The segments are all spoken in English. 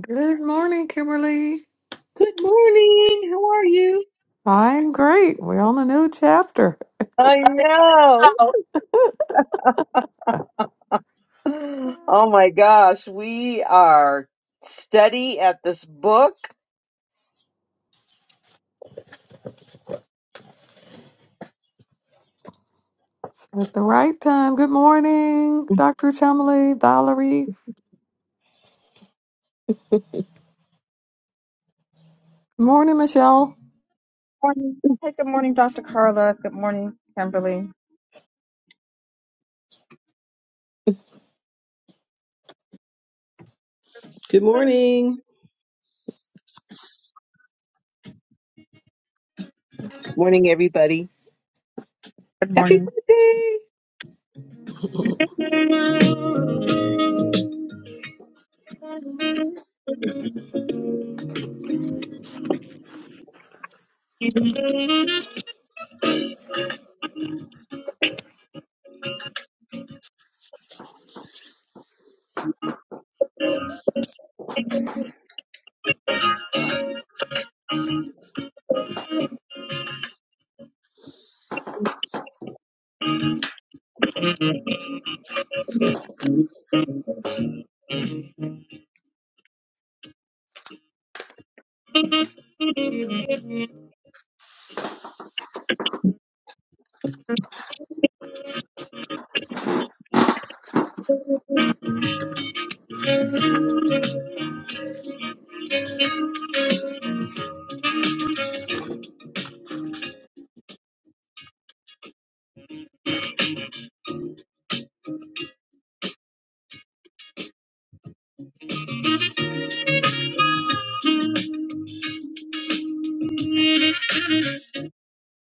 Good morning, Kimberly. Good morning. How are you? I'm great. We're on a new chapter I know. Oh. Oh my gosh, we are steady at this book. at the right time. Good morning, Dr. Chumley, Valerie. Good morning, Michelle. morning. Hey, good morning, Dr. Carla. Good morning, Kimberly. Good morning. Morning, everybody. Good Happy morning. birthday. Good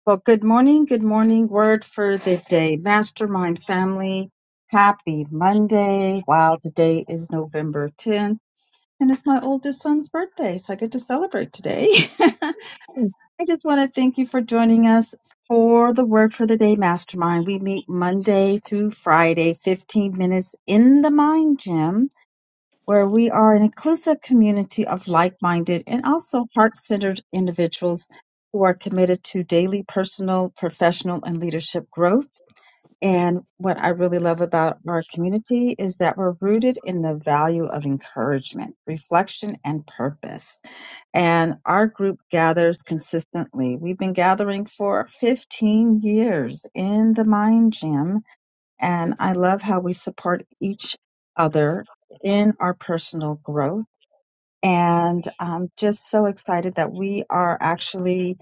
Well, good morning. Good morning. Word for the day. Mastermind family. Happy Monday. Wow, today is November 10th, and it's my oldest son's birthday, so I get to celebrate today. I just want to thank you for joining us for the Word for the Day Mastermind. We meet Monday through Friday, 15 minutes in the Mind Gym where we are an inclusive community of like minded and also heart centered individuals who are committed to daily personal, professional, and leadership growth. And what I really love about our community is that we're rooted in the value of encouragement, reflection, and purpose. And our group gathers consistently. We've been gathering for 15 years in the Mind Gym and I love how we support each other in our personal growth. And I'm just so excited that we are actually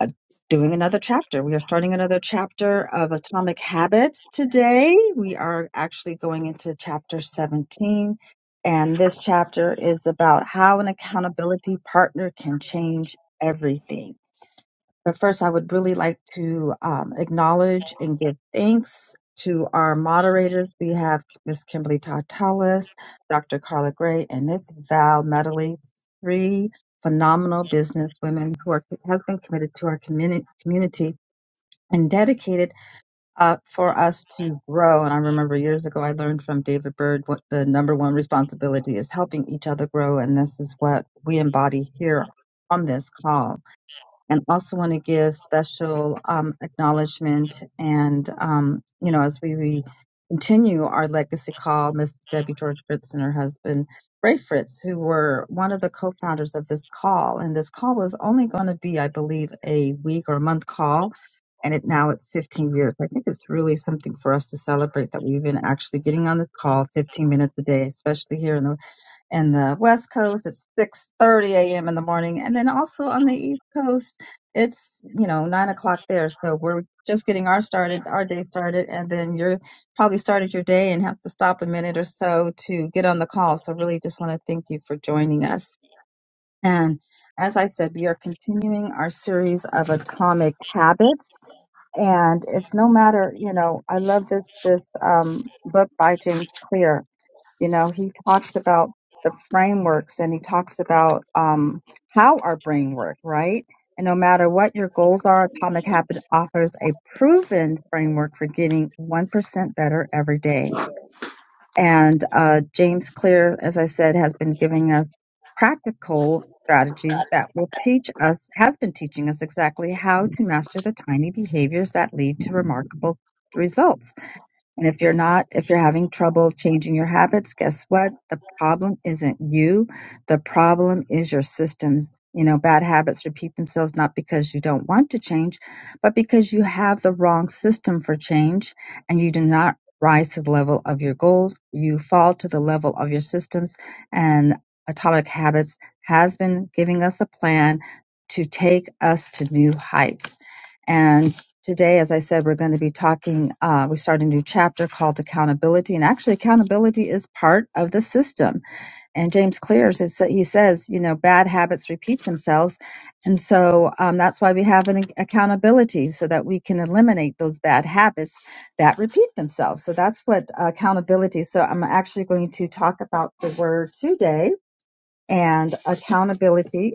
uh, doing another chapter. We are starting another chapter of Atomic Habits today. We are actually going into chapter 17. And this chapter is about how an accountability partner can change everything. But first, I would really like to um, acknowledge and give thanks to our moderators. We have Ms. Kimberly Tartalis, Dr. Carla Gray, and Ms. Val Medley, three phenomenal business women who are has been committed to our community, community and dedicated uh, for us to grow. And I remember years ago, I learned from David Bird what the number one responsibility is helping each other grow. And this is what we embody here on this call and also want to give special um, acknowledgement and um, you know as we, we continue our legacy call miss debbie george fritz and her husband ray fritz who were one of the co-founders of this call and this call was only going to be i believe a week or a month call and it now it's 15 years i think it's really something for us to celebrate that we've been actually getting on this call 15 minutes a day especially here in the in the west coast it's 6.30 a.m in the morning and then also on the east coast it's you know 9 o'clock there so we're just getting our started our day started and then you're probably started your day and have to stop a minute or so to get on the call so really just want to thank you for joining us and as i said we are continuing our series of atomic habits and it's no matter you know i love this this um, book by james clear you know he talks about the frameworks and he talks about um, how our brain works right and no matter what your goals are atomic habit offers a proven framework for getting 1% better every day and uh, james clear as i said has been giving us practical strategies that will teach us has been teaching us exactly how to master the tiny behaviors that lead to remarkable results and if you're not, if you're having trouble changing your habits, guess what? The problem isn't you. The problem is your systems. You know, bad habits repeat themselves not because you don't want to change, but because you have the wrong system for change and you do not rise to the level of your goals. You fall to the level of your systems. And Atomic Habits has been giving us a plan to take us to new heights. And Today, as I said, we're going to be talking. Uh, we start a new chapter called accountability, and actually, accountability is part of the system. And James Clear he says, you know, bad habits repeat themselves, and so um, that's why we have an accountability so that we can eliminate those bad habits that repeat themselves. So that's what uh, accountability. So I'm actually going to talk about the word today, and accountability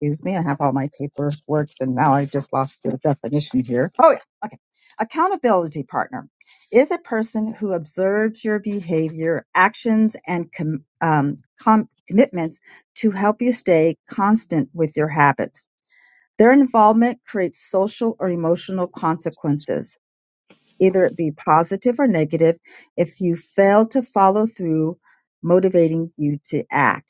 Excuse me, I have all my paperwork and now I just lost the definition here. Oh, yeah. Okay. Accountability partner is a person who observes your behavior, actions, and com- um, com- commitments to help you stay constant with your habits. Their involvement creates social or emotional consequences either it be positive or negative, if you fail to follow through, motivating you to act.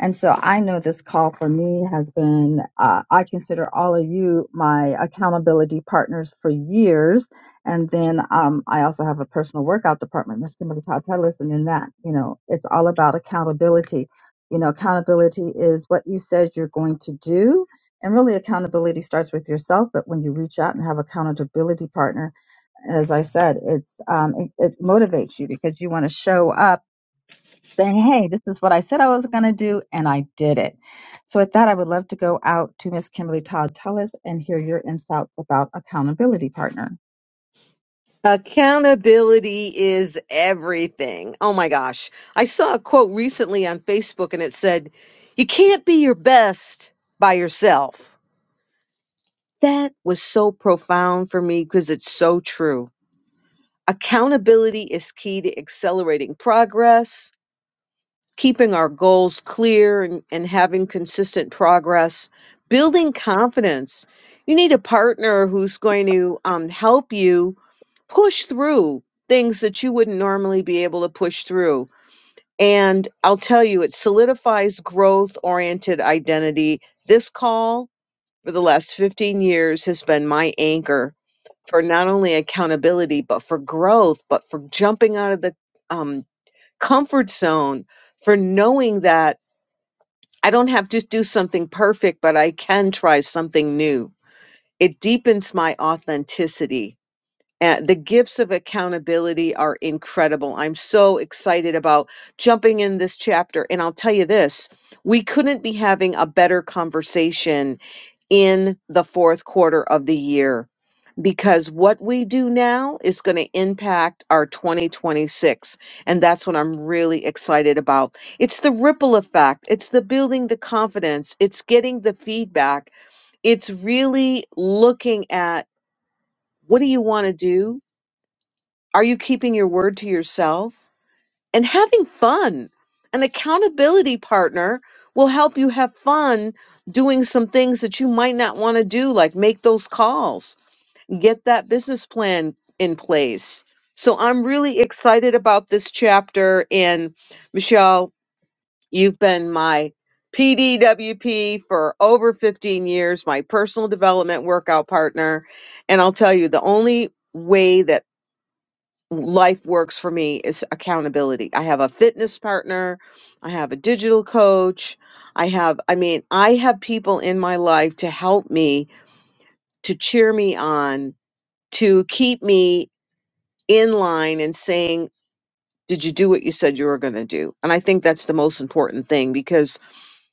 And so I know this call for me has been, uh, I consider all of you my accountability partners for years. And then um, I also have a personal workout department, Miss Kimberly Todd Pettis. And in that, you know, it's all about accountability. You know, accountability is what you said you're going to do. And really, accountability starts with yourself. But when you reach out and have accountability partner, as I said, it's um, it, it motivates you because you want to show up saying, "Hey, this is what I said I was going to do, and I did it." So, with that, I would love to go out to Miss Kimberly Todd Tullis and hear your insights about accountability partner. Accountability is everything. Oh my gosh. I saw a quote recently on Facebook and it said, You can't be your best by yourself. That was so profound for me because it's so true. Accountability is key to accelerating progress keeping our goals clear and, and having consistent progress, building confidence. You need a partner who's going to um, help you push through things that you wouldn't normally be able to push through. And I'll tell you, it solidifies growth oriented identity. This call for the last 15 years has been my anchor for not only accountability, but for growth, but for jumping out of the um, comfort zone for knowing that I don't have to do something perfect, but I can try something new. It deepens my authenticity. And the gifts of accountability are incredible. I'm so excited about jumping in this chapter. And I'll tell you this we couldn't be having a better conversation in the fourth quarter of the year because what we do now is going to impact our 2026 and that's what i'm really excited about it's the ripple effect it's the building the confidence it's getting the feedback it's really looking at what do you want to do are you keeping your word to yourself and having fun an accountability partner will help you have fun doing some things that you might not want to do like make those calls get that business plan in place. So I'm really excited about this chapter. And Michelle, you've been my PDWP for over 15 years, my personal development workout partner. And I'll tell you, the only way that life works for me is accountability. I have a fitness partner, I have a digital coach, I have, I mean, I have people in my life to help me, to cheer me on, to keep me in line and saying, Did you do what you said you were going to do? And I think that's the most important thing because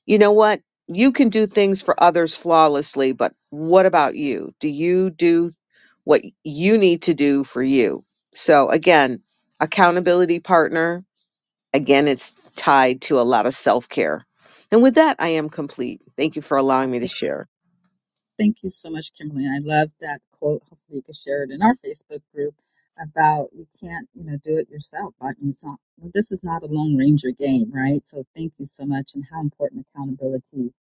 you know what? You can do things for others flawlessly, but what about you? Do you do what you need to do for you? So, again, accountability partner, again, it's tied to a lot of self care. And with that, I am complete. Thank you for allowing Well, me to share. Thank you so much, Kimberly. And I love that quote. Hopefully, you can share it in our Facebook group about you can't, you know, do it yourself. I mean, it's not, well, this is not a Lone Ranger game, right? So, thank you so much, and how important accountability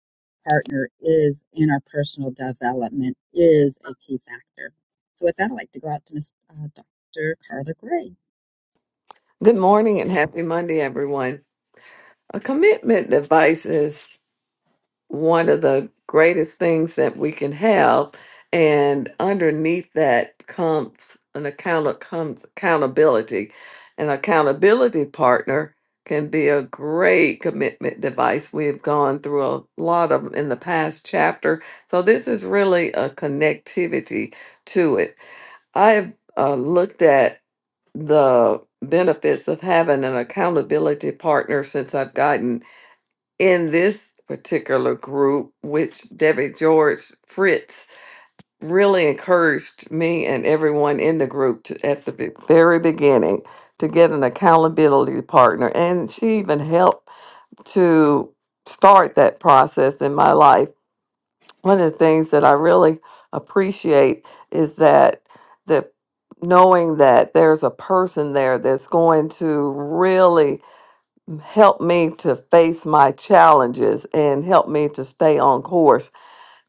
partner is in our personal development is a key factor. So, with that, I'd like to go out to Miss uh, Dr. Carla Gray. Good morning and happy Monday, everyone. A commitment device is. one of the greatest things that we can have and underneath that comes an account comes accountability an accountability partner can be a great commitment device we've gone through a lot of 'em in the past chapter so this is really a connectivity to it i've uh, looked at the benefits of having an accountability partner since i've gotten in this particular group, which Debbie George Fritz really encouraged me and everyone in the group to, at the be- very beginning to get an accountability partner. And she even helped to start that process in my life. One of the things that I really appreciate is that the knowing that there's a person there that's going to really help me to face my challenges and help me to stay on course.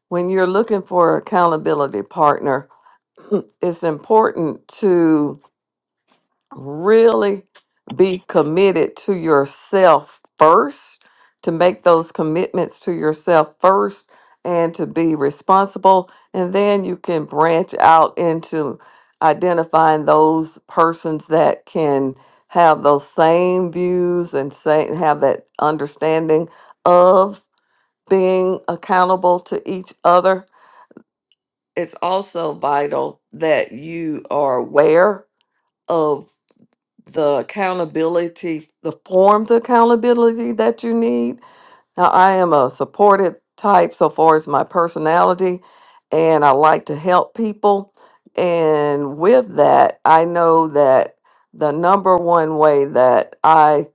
When you're looking for an accountability partner, it's important to really be committed to yourself first, to make those commitments to yourself first, and to be responsible. And then you can branch out into identifying those persons that can have those same views and say, have that understanding of being accountable to each other. It's also vital that you are aware the accountability, the forms of accountability that you need. Now, I am a supportive type so far as my personality, and I like to help people. And with that, I know that the number one way that I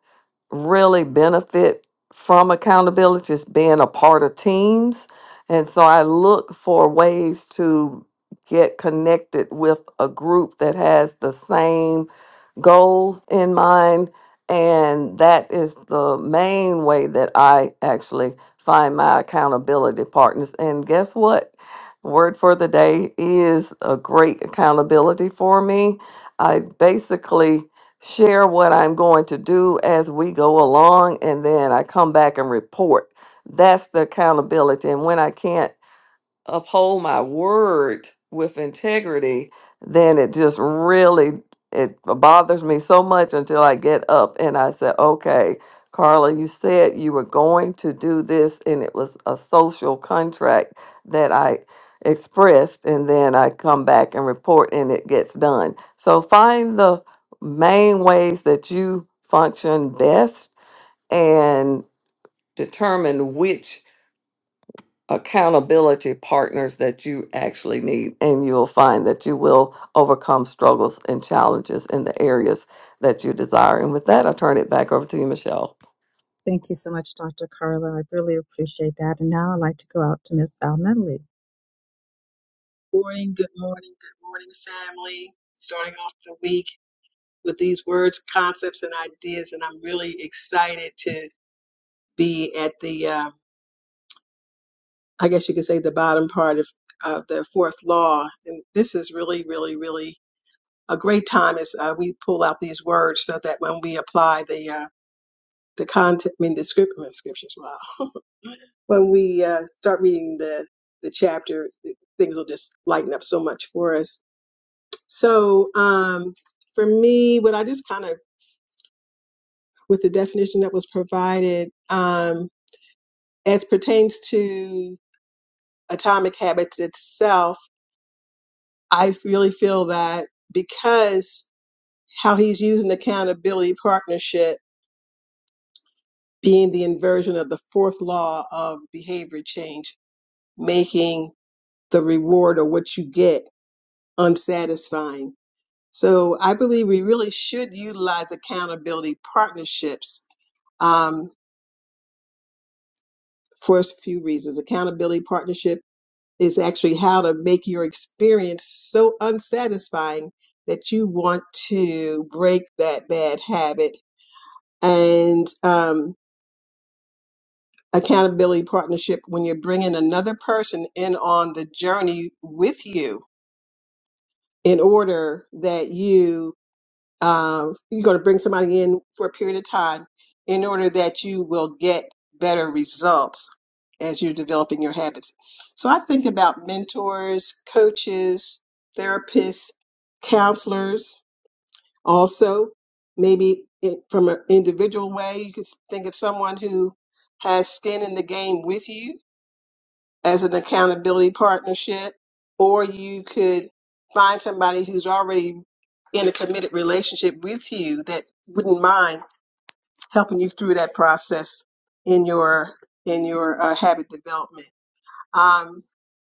really benefit from accountability is being a part of teams. And so I look for ways to get connected with a group that has the same goals in mind. And that is the main way that I actually find my accountability partners. And guess what? Word for the day is a great accountability for me. I basically share what I'm going to do as we go along, and then I come back and report. That's the accountability. And when I can't uphold my word with integrity, then it just really it bothers me so much until I get up and I say, "Okay, Carla, you said you were going to do this and it was a social contract that I expressed and then I come back and report and it gets done." So find the main ways that you function best and determine which accountability partners that you actually need, and you'll find that you will overcome struggles and challenges in the areas that you desire. And with that, I turn it back over to you, Michelle. Thank you so much, Dr. Carla. I really appreciate that. And now I'd like to go out to Miss Val Medley. morning, good morning, good morning, family. Starting off the week with these words, concepts, and ideas, and I'm really excited to be at the, uh, I guess you could say, the bottom part of, of the fourth law. And this is really, really, really a great time as uh, we pull out these words so that when we apply the uh, the content, I mean, the script, I mean, scriptures, wow. when we uh, start reading the the chapter, things will just lighten up so much for us. So um, for me, what I just kind of with the definition that was provided um, as pertains to atomic habits itself, I really feel that because how he's using accountability partnership being the inversion of the fourth law of behavior change, making the reward or what you get unsatisfying. So I believe we really should utilize accountability partnerships um, for a few reasons. Accountability partnership is actually how to make your experience so unsatisfying that you want to break that bad habit. And um, accountability partnership, when you're bringing another person in on the journey with you, in order that you um, you're going to bring somebody in for a period of time in order that you will get better results as you're developing your habits. So I think about mentors, coaches, therapists, counselors, also maybe it, from an individual way, you could think of someone who has skin in the game with you as an accountability partnership, or you could find somebody who's already in a committed relationship with you that wouldn't mind helping you through that process in your in your uh, habit development. Um,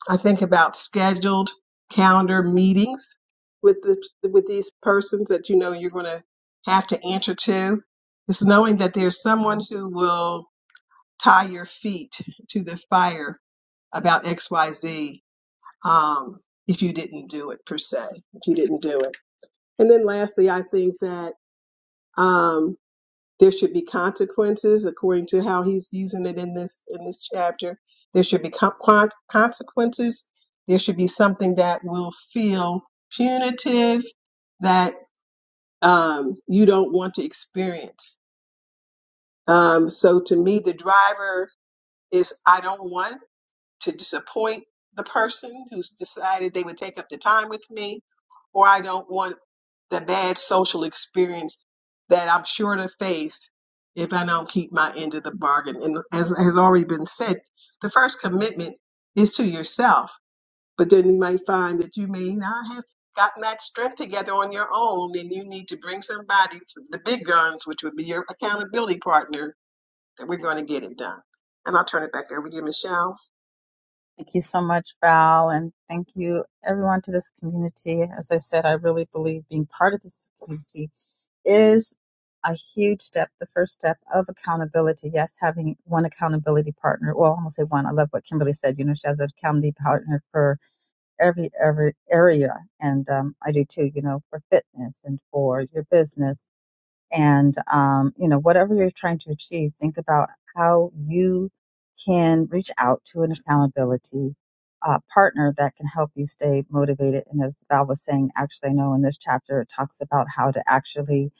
I think about scheduled calendar meetings with the, with these persons that you know you're going to have to answer to. It's knowing that there's someone who will tie your feet to the fire about XYZ um, if you didn't do it per se, if you didn't do it. And then lastly, I think that um, there should be consequences according to how he's using it in this in this chapter. There should be con- con- consequences. There should be something that will feel punitive that um, you don't want to experience. Um, so to me, the driver is I don't want to disappoint the person who's decided they would take up the time with me, or I don't want the bad social experience that I'm sure to face if I don't keep my end of the bargain. And as has already been said, the first commitment is to yourself, but then you might find that you may not have gotten that strength together on your own and you need to bring somebody to the big guns, which would be your accountability partner that we're going to get it done. And I'll turn it back over to you, Michelle. Thank you so much, Val, and thank you everyone to this community. As I said, I really believe being part of this community is a huge step, the first step of accountability. Yes, having one accountability partner. Well, i will going say one. I love what Kimberly said. You know, she has an accountability partner for every every area, and um, I do too. You know, for fitness and for your business and um, you know whatever you're trying to achieve think about how you can reach out to an accountability uh, partner that can help you stay motivated and as val was saying actually i know in this chapter it talks about how to actually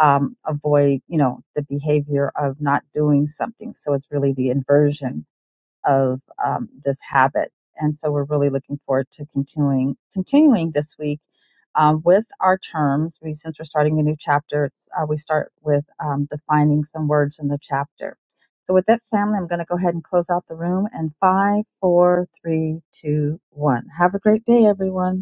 um, avoid you know the behavior of not doing something so it's really the inversion of um, this habit. And so we're really looking forward to continuing continuing this week um, with our terms. We since we're starting a new chapter, it's, uh, we start with um, defining some words in the chapter. So with that, family, I'm going to go ahead and close out the room. And five, four, three, two, one. Have a great day, everyone.